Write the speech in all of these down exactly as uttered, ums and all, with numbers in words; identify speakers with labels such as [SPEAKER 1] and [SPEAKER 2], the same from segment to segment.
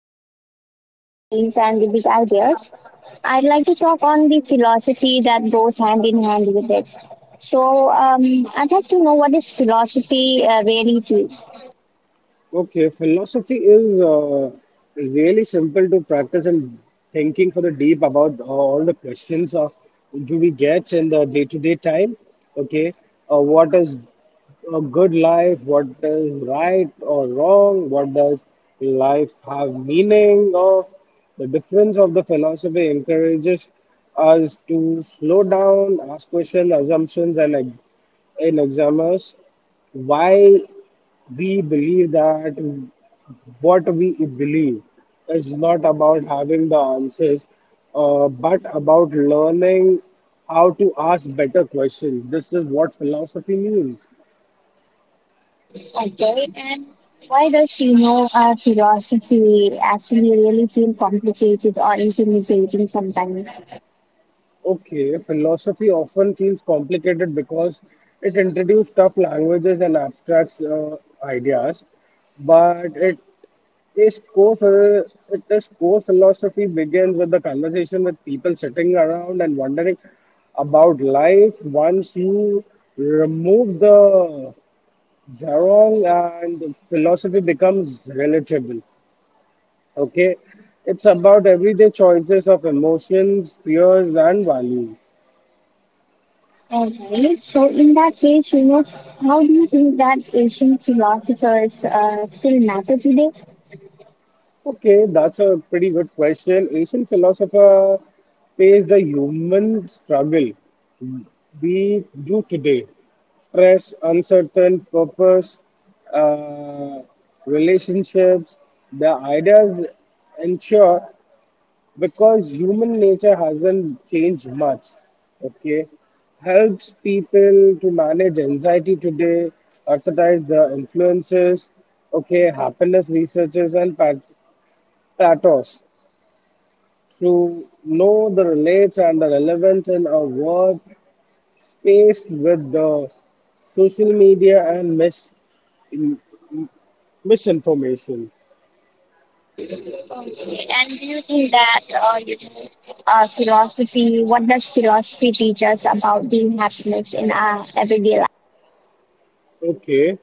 [SPEAKER 1] about, you know, the societies and the big ideas, I'd like to talk on the philosophy that goes hand in hand with it. So um, I'd like to know what is philosophy uh, really to,
[SPEAKER 2] Okay, philosophy is uh, really simple to practice and thinking for the deep about uh, all the questions of do we get in the day-to-day time? Okay, uh, what is a good life? What is right or wrong? What does life have meaning of? The difference of the philosophy encourages us to slow down, ask questions, assumptions, and, ex- and examines why we believe that what we believe is not about having the answers, uh, but about learning how to ask better questions. This is what philosophy means.
[SPEAKER 1] okay? And why does, you know, uh, philosophy actually really feel complicated or intimidating sometimes?
[SPEAKER 2] Okay, philosophy often feels complicated because it introduces tough languages and abstract uh, ideas, but it this core, ph- this core philosophy begins with the conversation with people sitting around and wondering about life. Once you remove the jargon and the philosophy becomes relatable. Okay, it's about everyday choices of emotions, fears, and values.
[SPEAKER 1] Alright, so in that case, you know, how do you think that Asian philosophers uh, still matter today?
[SPEAKER 2] Okay, that's a pretty good question. Asian philosopher face the human struggle we do today. Stress, uncertain purpose, uh, relationships, the ideas ensure because human nature hasn't changed much. Okay, helps people to manage anxiety today, exercise the influences. Okay, happiness researchers and pat- pathos to know the relates and the relevance in a world spaced with the social media and misinformation. Misinformation.
[SPEAKER 1] Okay. And do you think that uh, you know, uh, philosophy, what does philosophy teach us about being happiness in our everyday life?
[SPEAKER 2] Okay.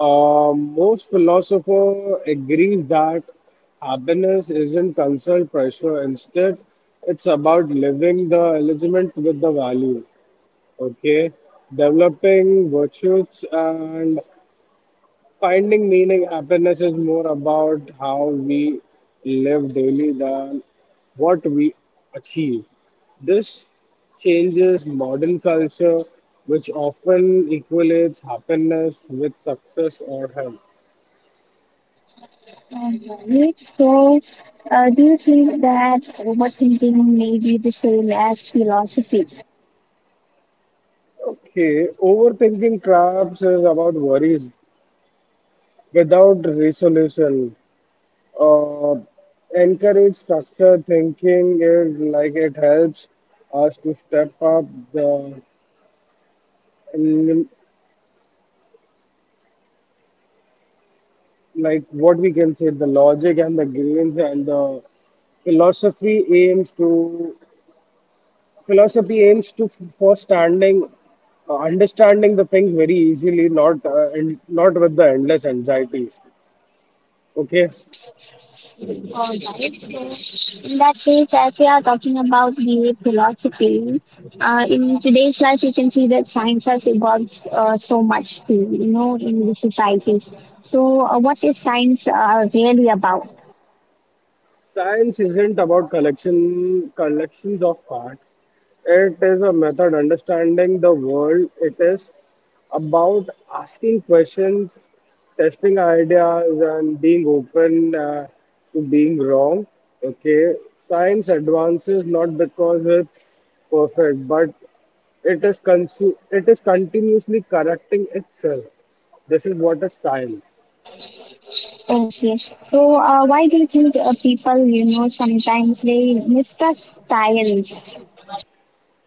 [SPEAKER 2] Um, most philosopher agrees that happiness isn't constant pressure. Instead, it's about living the alignment with the value. Okay. Developing virtues and finding meaning, happiness is more about how we live daily than what we achieve. This changes modern culture, which often equates happiness with success or health.
[SPEAKER 1] Alright, so uh, do you think that overthinking may be the same as philosophy?
[SPEAKER 2] Okay, overthinking traps is about worries without resolution. Uh, encourage structured thinking it like it helps us to step up the like what we can say the logic and the grains and the philosophy aims to philosophy aims to for standing uh, understanding the things very easily not uh, and not with the endless anxieties, okay.
[SPEAKER 1] All right. So in that case, as we are talking about the philosophy, uh, in today's life, you can see that science has evolved uh, so much too, you know, in the society. So, uh, what is science uh, really about?
[SPEAKER 2] Science isn't about collection collections of parts. It is a method understanding the world. It is about asking questions, testing ideas, and being open uh, to being wrong. Okay, science advances not because it's perfect, but it is consu- it is continuously correcting itself. This is what is science.
[SPEAKER 1] Okay. So, uh, why do you think uh, people, you know, sometimes they mistrust science?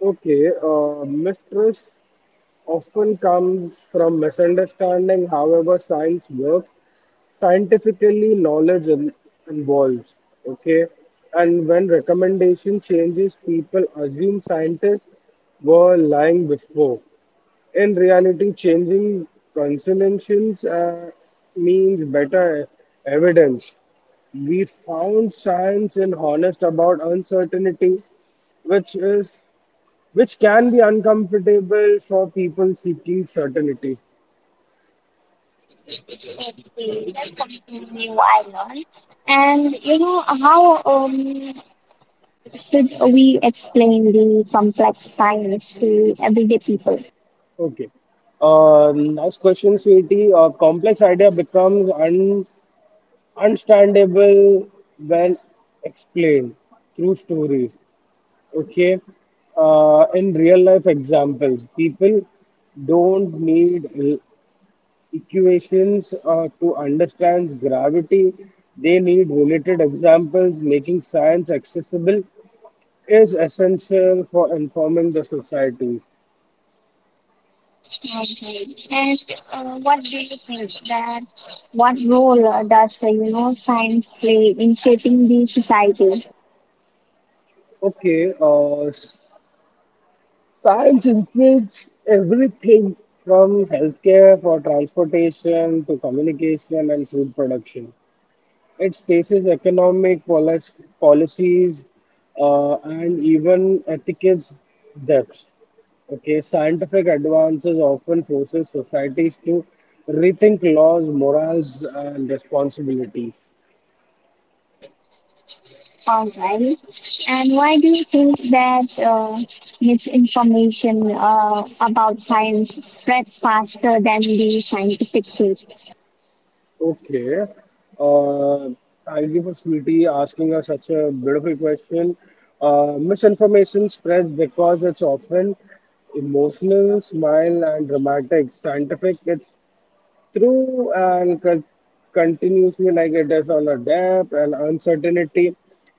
[SPEAKER 2] Okay, uh, mistress often comes from misunderstanding however science works, scientifically knowledge in- involves, okay, and when recommendation changes people assume scientists were lying before. In reality changing consonantions uh, means better evidence, we found science in honest about uncertainty which is which can be uncomfortable for people seeking certainty.
[SPEAKER 1] Okay, that's something new I learned. And you know how um, should we explain the complex science to everyday people?
[SPEAKER 2] Okay. Um, last question, Sweetie. A complex idea becomes un- understandable when explained through stories. Okay. Uh, in real life examples, people don't need l- equations uh, to understand gravity. They need related examples, making science accessible is essential for informing the society.
[SPEAKER 1] Okay. And uh, what do you think that what role uh, does uh, you know science play in shaping the society?
[SPEAKER 2] Okay, uh, s- science includes everything from healthcare for transportation to communication and food production. It faces economic polic- policies uh, and even ethics depth. Okay, scientific advances often forces societies to rethink laws, morals, and responsibilities.
[SPEAKER 1] All right. And why do you think that uh, misinformation uh, about science spreads faster than the scientific truth?
[SPEAKER 2] Okay. Uh, I'll give a sweetie asking us such a beautiful question. Uh, misinformation spreads because it's often emotional, smile, and dramatic. Scientific, it's true and con- continuously like it is on a depth and uncertainty.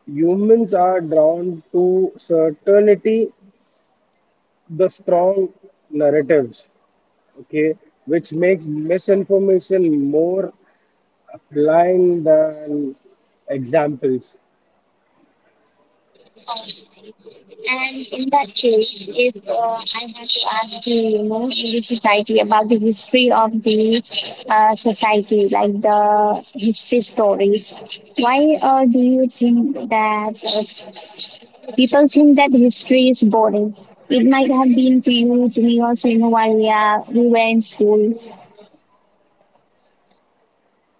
[SPEAKER 2] Humans are drawn to certainty, the strong narratives, okay, which makes misinformation more blind and examples.
[SPEAKER 1] And in that case, if uh, I have to ask you, you know, in the society about the history of the uh, society, like the history stories, why uh, do you think that uh, people think that history is boring? It might have been to you, to me also, you know, while we, are, we were in school.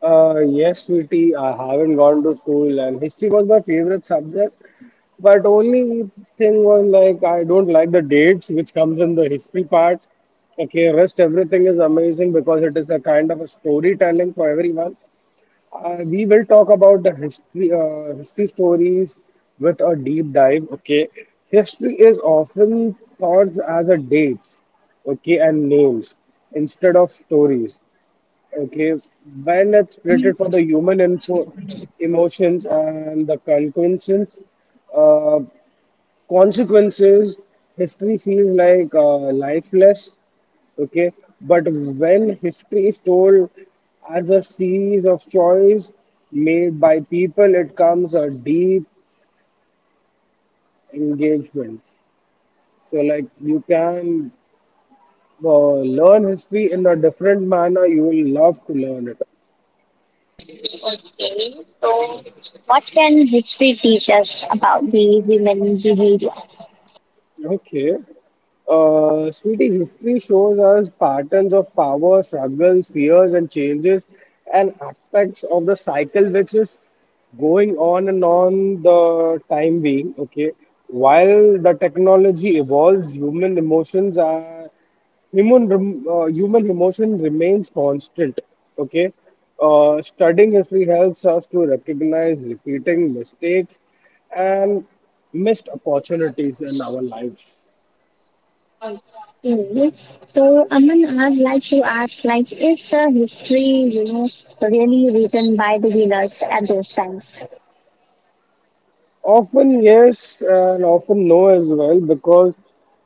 [SPEAKER 2] Uh, yes, V T, I haven't gone to school, and history was my favorite subject. But only thing was like I don't like the dates which comes in the history part. Okay, rest everything is amazing because it is a kind of a storytelling for everyone. Uh, we will talk about the history, uh, history stories with a deep dive. Okay, history is often thought as a dates, okay, and names instead of stories. Okay, when it's created for the human info, emotions and the conclusions, uh, consequences, history feels like uh, lifeless. Okay, but when history is told as a series of choice made by people, it comes a deep engagement. So, like you can uh, learn history in a different manner. You will love to learn it.
[SPEAKER 1] Okay, so what can history teach us about the human behavior?
[SPEAKER 2] Okay. Uh, sweetie, history shows us patterns of power, struggles, fears, and changes, and aspects of the cycle which is going on and on the time being. Okay, while the technology evolves, human emotions are human rem- uh, human emotion remains constant. Okay, uh, studying history helps us to recognize repeating mistakes and missed opportunities in our lives.
[SPEAKER 1] Mm. So, Aman, I'd like to ask, like, is the history, you know, really written by the winners at those times?
[SPEAKER 2] Often, yes, and often no as well, because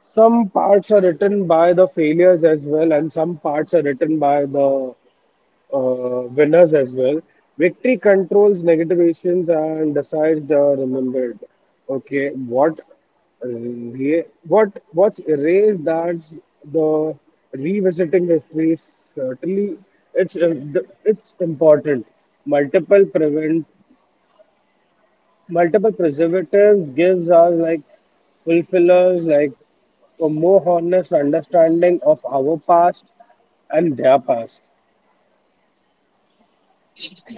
[SPEAKER 2] some parts are written by the failures as well, and some parts are written by the uh, winners as well. Victory controls negativations and decides the remembered. Okay, what re- what what's erased that's the revisiting history certainly it's uh, the- it's important. Multiple prevent multiple preservatives gives us like fulfillers like a more honest understanding of our past and their past.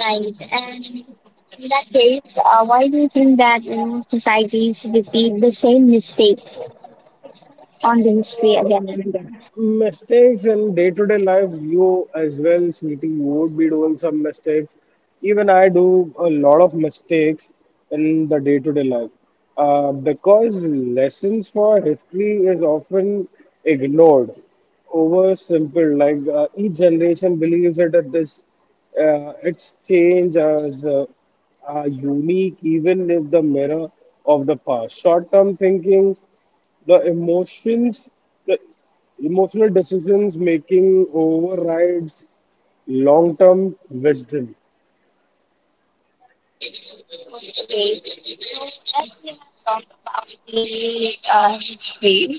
[SPEAKER 1] Right. And in that case, uh, why do you think that, you know, societies repeat the same mistakes on the history again and again?
[SPEAKER 2] Mistakes in day-to-day life you as well, Smriti, you would be doing some mistakes, even I do a lot of mistakes in the day-to-day life, uh, because lessons for history is often ignored over simple like uh, each generation believes that it is uh, its change as uh, uh, unique even if the mirror of the past short-term thinking the emotions the emotional decisions making overrides long-term wisdom.
[SPEAKER 1] Okay. So, as we have talked about the uh, history,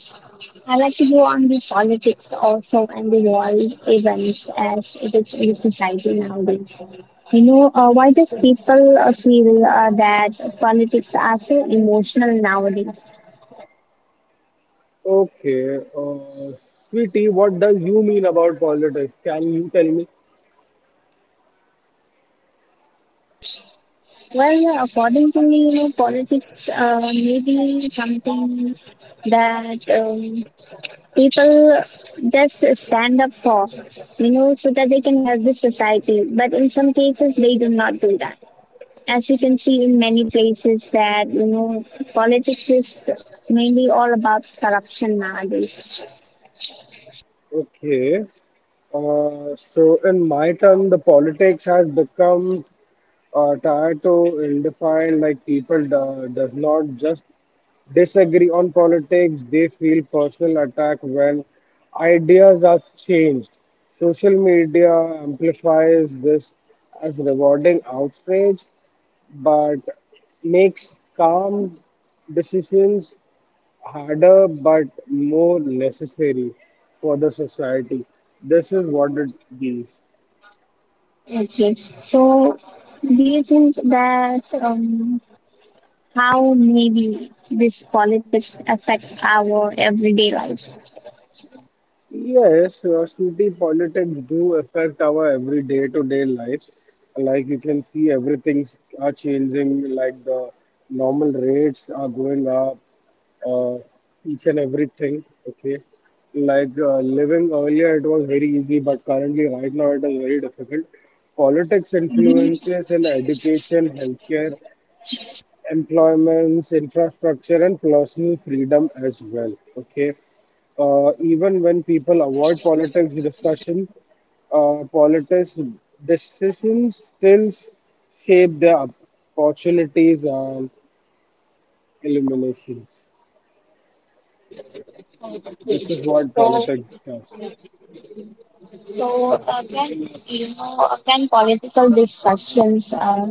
[SPEAKER 1] I like to go on the politics also and the world events as it is in society nowadays. You know, uh, why does people uh, feel uh, that politics are so emotional nowadays?
[SPEAKER 2] Okay, uh, sweetie, what does you mean about politics, can you tell me?
[SPEAKER 1] Well, according to me, you know, politics uh, may be something that um, people just stand up for, you know, so that they can help the society. But in some cases, they do not do that. As you can see in many places that, you know, politics is mainly all about corruption nowadays.
[SPEAKER 2] Okay, uh, so in my term the politics has become uh, tied to ill-defined like people do, does not just disagree on politics, they feel personal attack when ideas are changed. Social media amplifies this as rewarding outrage, but makes calm decisions harder but more necessary for the society. This is what it is.
[SPEAKER 1] Okay, so do you think that um, how maybe this politics affect our everyday life?
[SPEAKER 2] Yes, uh, city politics do affect our every day-to-day life. Like you can see, everything's are changing. Like the normal rates are going up, uh, each and everything. Okay, like uh, living earlier, it was very easy, but currently, right now, it is very difficult. Politics influences in education, healthcare, employments, infrastructure, and personal freedom as well. Okay, uh, even when people avoid politics discussion, uh, politics decisions still shape their opportunities and eliminations. This is what
[SPEAKER 1] So,
[SPEAKER 2] politics does.
[SPEAKER 1] so uh, can you know uh, can political discussions uh,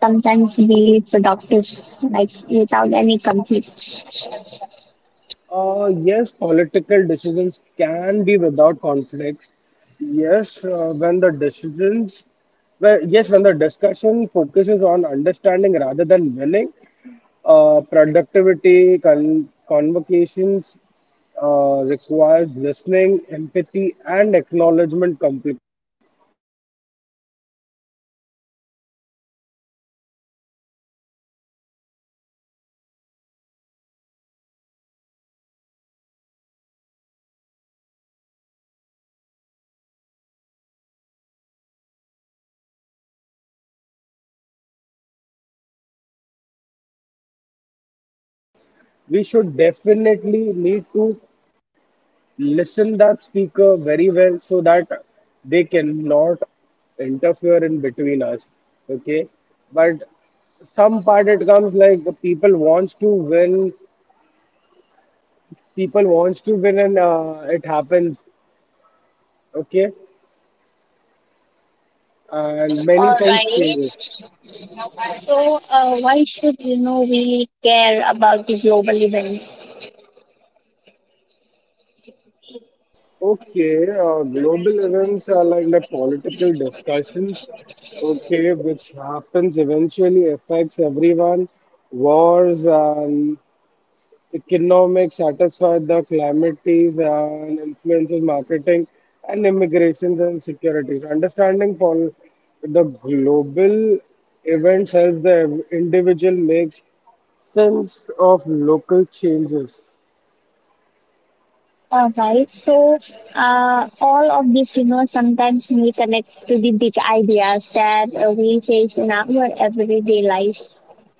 [SPEAKER 1] sometimes be productive, like without any conflict?
[SPEAKER 2] Uh, yes, political decisions can be without conflicts. Yes, uh, when the decisions, well, yes, when the discussion focuses on understanding rather than winning, uh, productivity, con- convocations uh, requires listening, empathy, and acknowledgement. Compl- we should definitely need to listen that speaker very well so that they cannot interfere in between us, okay, but some part it comes like the people wants to win, people wants to win and uh, it happens, okay, and many
[SPEAKER 1] All
[SPEAKER 2] things
[SPEAKER 1] right.
[SPEAKER 2] changes.
[SPEAKER 1] So, uh, why should you know we care about the global events?
[SPEAKER 2] Okay, uh, global events are like the political discussions, okay, which happens eventually affects everyone. Wars and economics satisfy the calamities and influences marketing and immigrations and securities. Understanding pol- the global events helps the individual makes sense of local changes.
[SPEAKER 1] All right. So, uh, all of this, you know, sometimes may connect to the big ideas that uh, we face in our everyday life.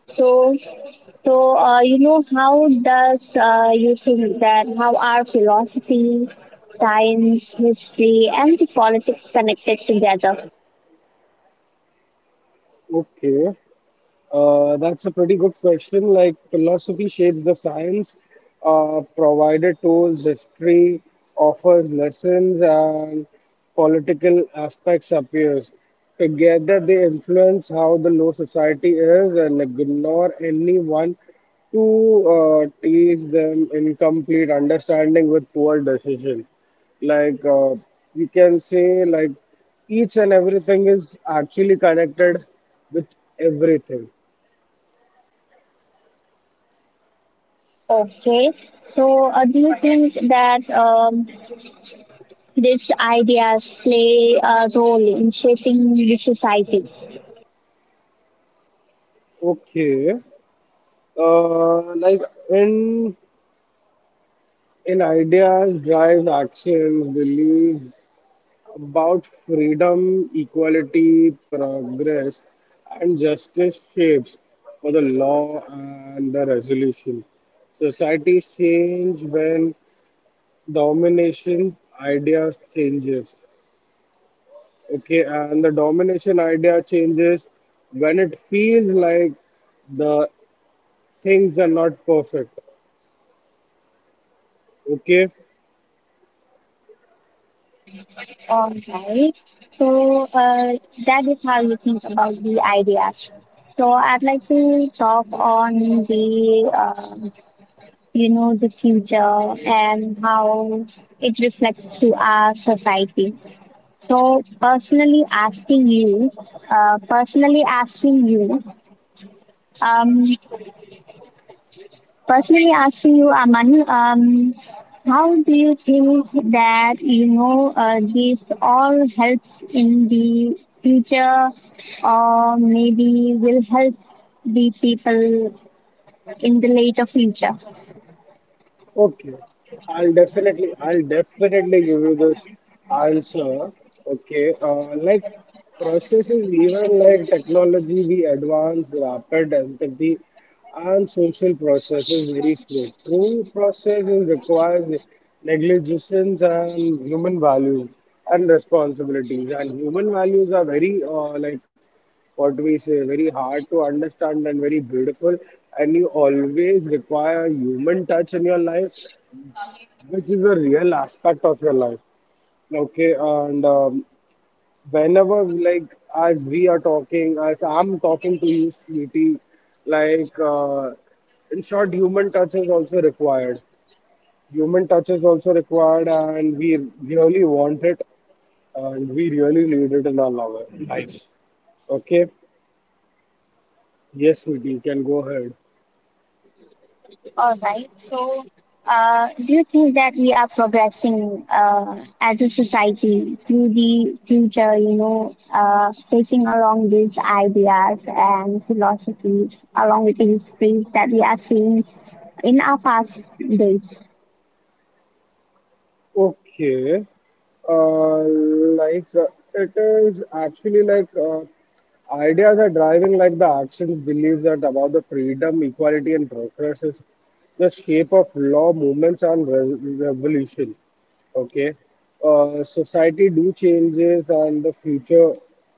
[SPEAKER 1] So, so uh, you know, how does uh, you think that how are philosophy, science, history, and the politics connected together?
[SPEAKER 2] Okay. Uh, that's a pretty good question. Like, philosophy shapes the science, uh, provided tools, history offers lessons, and political aspects appears. Together, they influence how the law society is and ignore anyone to uh, teach them incomplete understanding with poor decision. Like, uh, we can say, like, each and everything is actually connected with everything.
[SPEAKER 1] Okay. So, uh, do you think that um, these ideas play a role in shaping the society?
[SPEAKER 2] Okay. Uh, like in in ideas, drives, actions, beliefs about freedom, equality, progress, and justice shapes for the law and the resolution. Societies change when domination ideas changes. Okay, and the domination idea changes when it feels like the things are not perfect. Okay.
[SPEAKER 1] All right. So uh, that is how you think about the ideas. So I'd like to talk on the um you know the future and how it reflects to our society. So personally asking you, uh, personally asking you, um, personally asking you, Amani, um, how do you think that you know uh, this all helps in the future, or maybe will help the people in the later future?
[SPEAKER 2] Okay, I'll definitely, I'll definitely give you this answer. Okay, uh, like processes, even like technology, we advance rapid empathy and social processes very slow. True processes requires negligences and human values and responsibilities, and human values are very uh, like what we say, very hard to understand and very beautiful. And you always require human touch in your life, which is a real aspect of your life. Okay, and um, whenever, like, as we are talking, as I'm talking to you, sweetie, like, uh, in short, human touch is also required. Human touch is also required, and we really want it, and we really need it in our lo- lives. Okay, yes, sweetie, you can go ahead.
[SPEAKER 1] All right. So, uh, do you think that we are progressing uh, as a society through the future, you know, uh, taking along these ideas and philosophies along with the histories that we are seeing in our past days?
[SPEAKER 2] Okay. Uh, like uh, it is actually like uh, ideas are driving like the actions believe that about the freedom, equality, and progress is the shape of law, movements, and re- revolution. Okay, uh, society do changes, and the future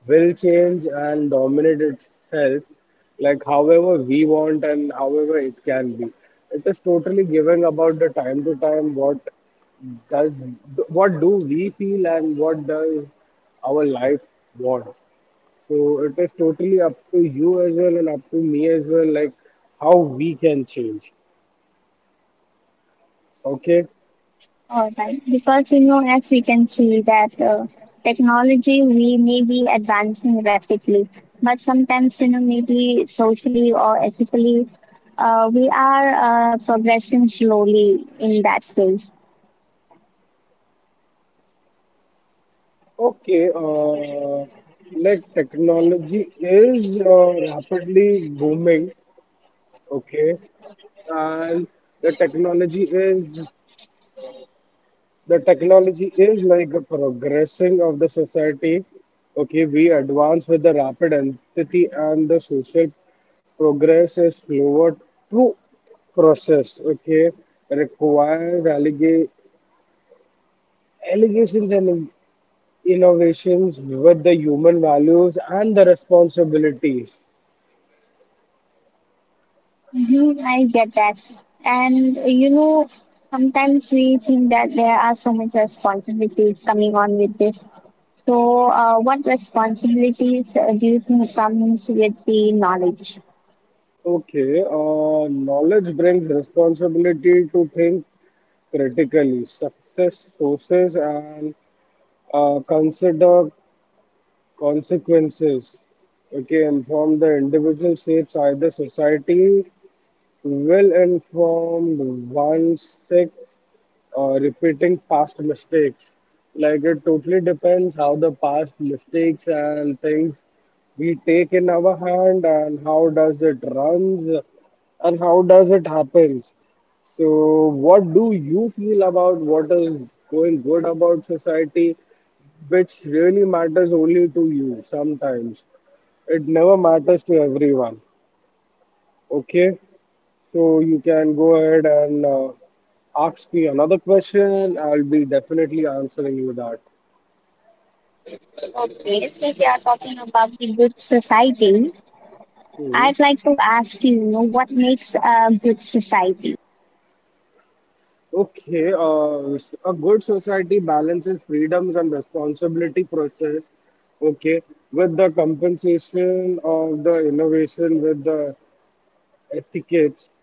[SPEAKER 2] will change and dominate itself, like however we want and however it can be. It is totally giving about the time to time what does what do we feel and what does our life want, so it is totally up to you as well and up to me as well, like how we can change. Okay.
[SPEAKER 1] All right, because you know, as we can see that uh, technology we may be advancing rapidly, but sometimes you know maybe socially or ethically, uh, we are uh, progressing slowly in that case.
[SPEAKER 2] Okay. Uh, like technology is uh, rapidly booming. Okay. And the technology is the technology is like a progressing of the society. Okay, we advance with the rapid entity and the social progress is slower through process. Okay, requires allega- allegations and innovations with the human values and the responsibilities.
[SPEAKER 1] hmm I get that, and uh, you know sometimes we think that there are so much responsibilities coming on with this. So, uh, what responsibilities uh, do you think comes with the knowledge?
[SPEAKER 2] Okay, uh, knowledge brings responsibility to think critically, success sources, and uh, consider consequences, okay, inform the individual states either society will inform one sixth, uh, repeating past mistakes. Like it totally depends how the past mistakes and things we take in our hand and how does it runs and how does it happens. So what do you feel about what is going good about society which really matters only to you sometimes. It never matters to everyone. Okay, so you can go ahead and uh, ask me another question. I'll be definitely answering you that.
[SPEAKER 1] Okay, since we are talking about the good society,
[SPEAKER 2] Hmm.
[SPEAKER 1] I'd like to ask you, you know, what makes a good society?
[SPEAKER 2] Okay, uh, s- a good society balances freedoms and responsibility process. Okay, with the compensation of the innovation with the etiquettes,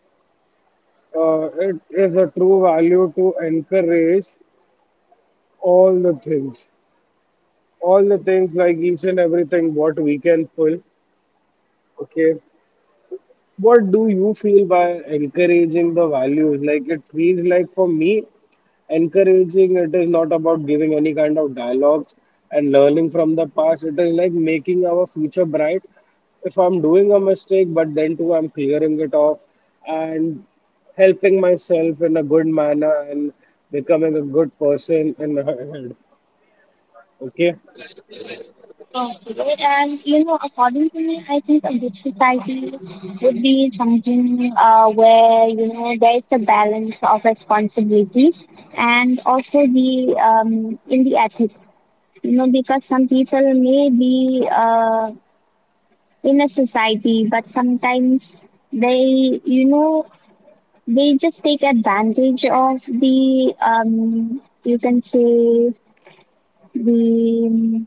[SPEAKER 2] uh, it is a true value to encourage all the things. All the things like each and everything what we can pull, okay. What do you feel by encouraging the values? Like it feels like for me, encouraging it is not about giving any kind of dialogues and learning from the past, it is like making our future bright. If I'm doing a mistake, but then too I'm clearing it off and helping myself in a good manner and becoming a good person in the head, okay.
[SPEAKER 1] Okay, and you know, according to me, I think a good society would be something uh, where you know there is a balance of responsibility and also the um, in the ethics, you know, because some people may be uh, in a society, but sometimes they, you know, they just take advantage of the um you can say the um,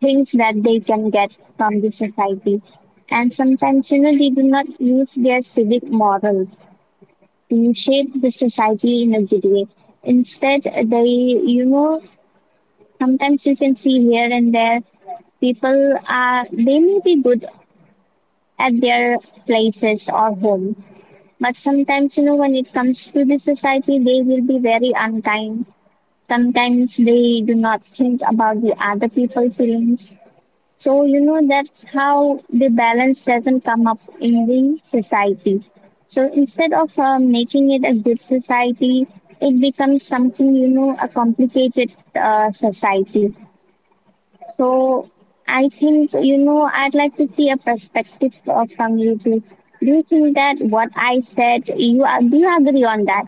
[SPEAKER 1] things that they can get from the society and sometimes you know they do not use their civic morals to shape the society in a good way, instead they, you know, sometimes you can see here and there people are, they may be good at their places or home, but sometimes you know when it comes to the society they will be very unkind, sometimes they do not think about the other people's feelings. So you know that's how the balance doesn't come up in the society. So instead of uh, making it a good society, it becomes something, you know, a complicated uh, society. So I think you know I'd like to see a perspective uh, from you too. Do you think that what I said, you, do you agree on that?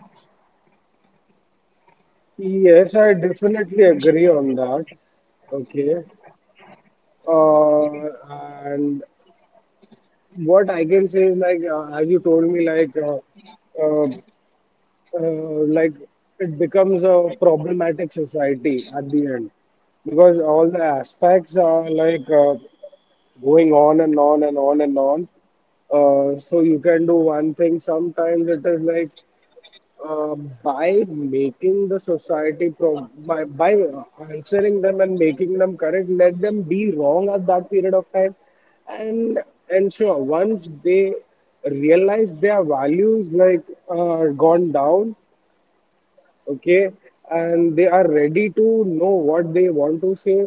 [SPEAKER 2] Yes, I definitely agree on that. Okay. Uh, and what I can say is like, uh, as you told me, like, uh, uh, uh, like it becomes a problematic society at the end, because all the aspects are like uh, going on and on and on and on. Uh, so you can do one thing. Sometimes it is like uh, by making the society pro- by, by answering them and making them correct, let them be wrong at that period of time. And and sure, once they realize their values like are gone down, okay, and they are ready to know what they want to say,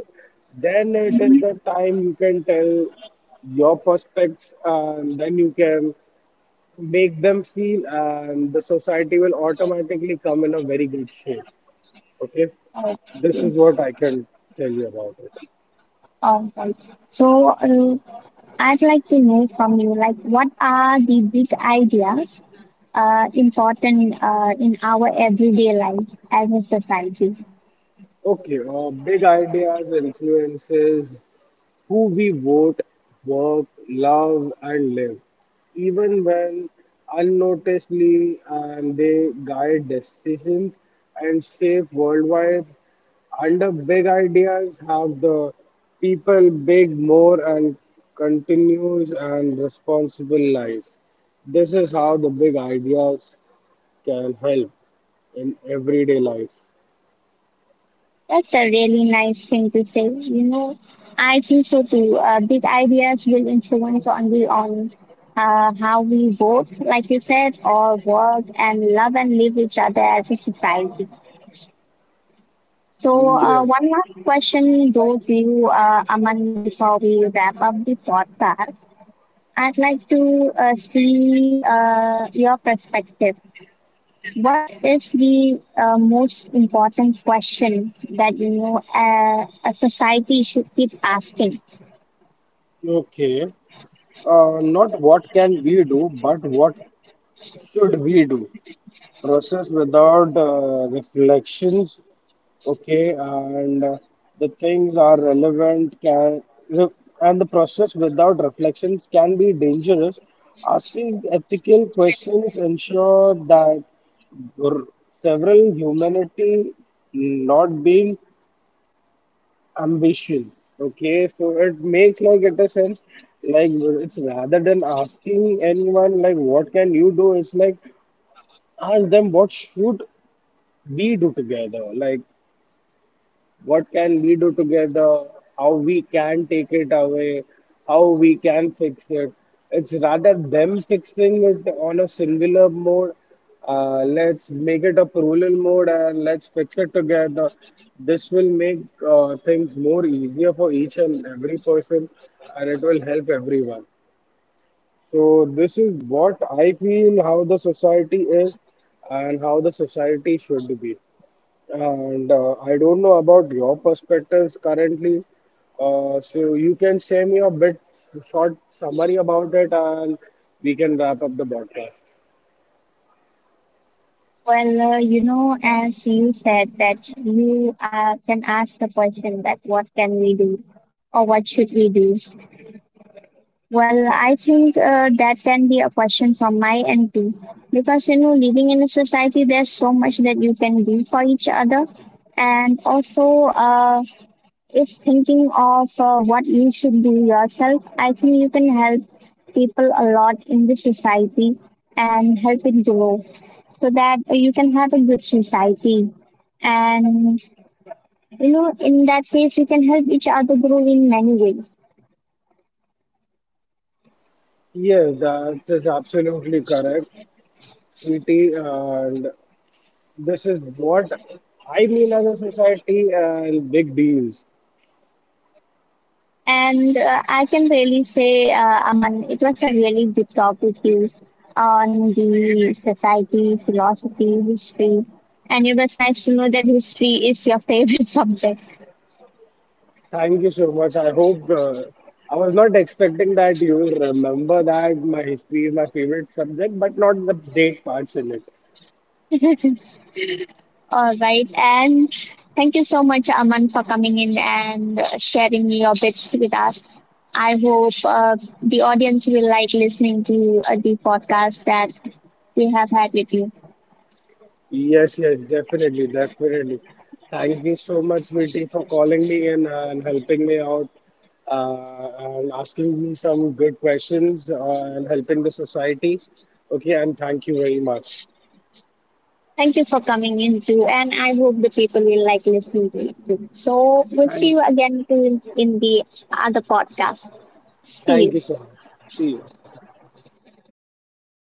[SPEAKER 2] then it is the time you can tell your prospects and then you can make them feel, and the society will automatically come in a very good shape, okay. This is what I can tell you about it.
[SPEAKER 1] All right. So uh, I'd like to know from you, like, what are the big ideas uh, important uh, in our everyday life as a society?
[SPEAKER 2] Okay, uh, big ideas influences who we vote, work, love, and live, even when unnoticedly, and they guide decisions and shape worldwide. Under big ideas have the people big more and continuous and responsible life. This is how the big ideas can help in everyday life.
[SPEAKER 1] That's a really nice thing to say. You know, I think so too. Uh, big ideas will influence on the on uh, how we vote, like you said, or work and love and live each other as a society. So, uh,
[SPEAKER 2] Yeah.
[SPEAKER 1] one last question goes to you, uh, Aman, before we wrap up the podcast. I'd like to uh, see uh, your perspective. What is the uh, most important question that you know uh, a society should keep asking?
[SPEAKER 2] Okay. Uh, not what can we do, but what should we do? Process without uh, reflections, okay, and uh, the things are relevant can re- and the process without reflections can be dangerous. Asking ethical questions ensure that r- several humanity not being ambition. Okay, so it makes like it a sense, like it's rather than asking anyone like what can you do, it's like ask them what should we do together, like what can we do together, how we can take it away, how we can fix it. It's rather them fixing it on a singular mode, uh, let's make it a plural mode and let's fix it together. This will make uh, things more easier for each and every person, and it will help everyone. So this is what I feel how the society is and how the society should be. And uh, I don't know about your perspectives currently. Uh, so you can share me a bit short summary about it and we can wrap up the podcast.
[SPEAKER 1] Well, uh, you know, as you said that you uh, can ask the question that what can we do or what should we do? Well, I think uh, that can be a question from my end too, because you know, living in a society, there's so much that you can do for each other, and also, uh, if thinking of uh, what you should do yourself, I think you can help people a lot in the society and help it grow, so that you can have a good society, and you know, in that case, you can help each other grow in many ways.
[SPEAKER 2] Yes, that is absolutely correct, sweetie. And this is what I mean as a society and big deals.
[SPEAKER 1] And uh, I can really say, uh, Aman, it was a really good talk with you on the society, philosophy, history. And it was nice to know that history is your favorite subject.
[SPEAKER 2] Thank you so much. I hope uh, I was not expecting that you will remember that my history is my favorite subject, but not the date parts in it.
[SPEAKER 1] All right. And thank you so much, Aman, for coming in and uh, sharing your bits with us. I hope uh, the audience will like listening to uh, the podcast that we have had with you.
[SPEAKER 2] Yes, yes, definitely, definitely. Thank you so much, V T, for calling me and, uh, and helping me out uh, and asking me some good questions uh, and helping the society. Okay, and thank you very much.
[SPEAKER 1] Thank you for coming in too, and I hope the people will like listening to it too. So we'll see
[SPEAKER 2] Thank,
[SPEAKER 1] you again too in the other podcast. See
[SPEAKER 2] Thank you
[SPEAKER 1] you.
[SPEAKER 2] so much. See you.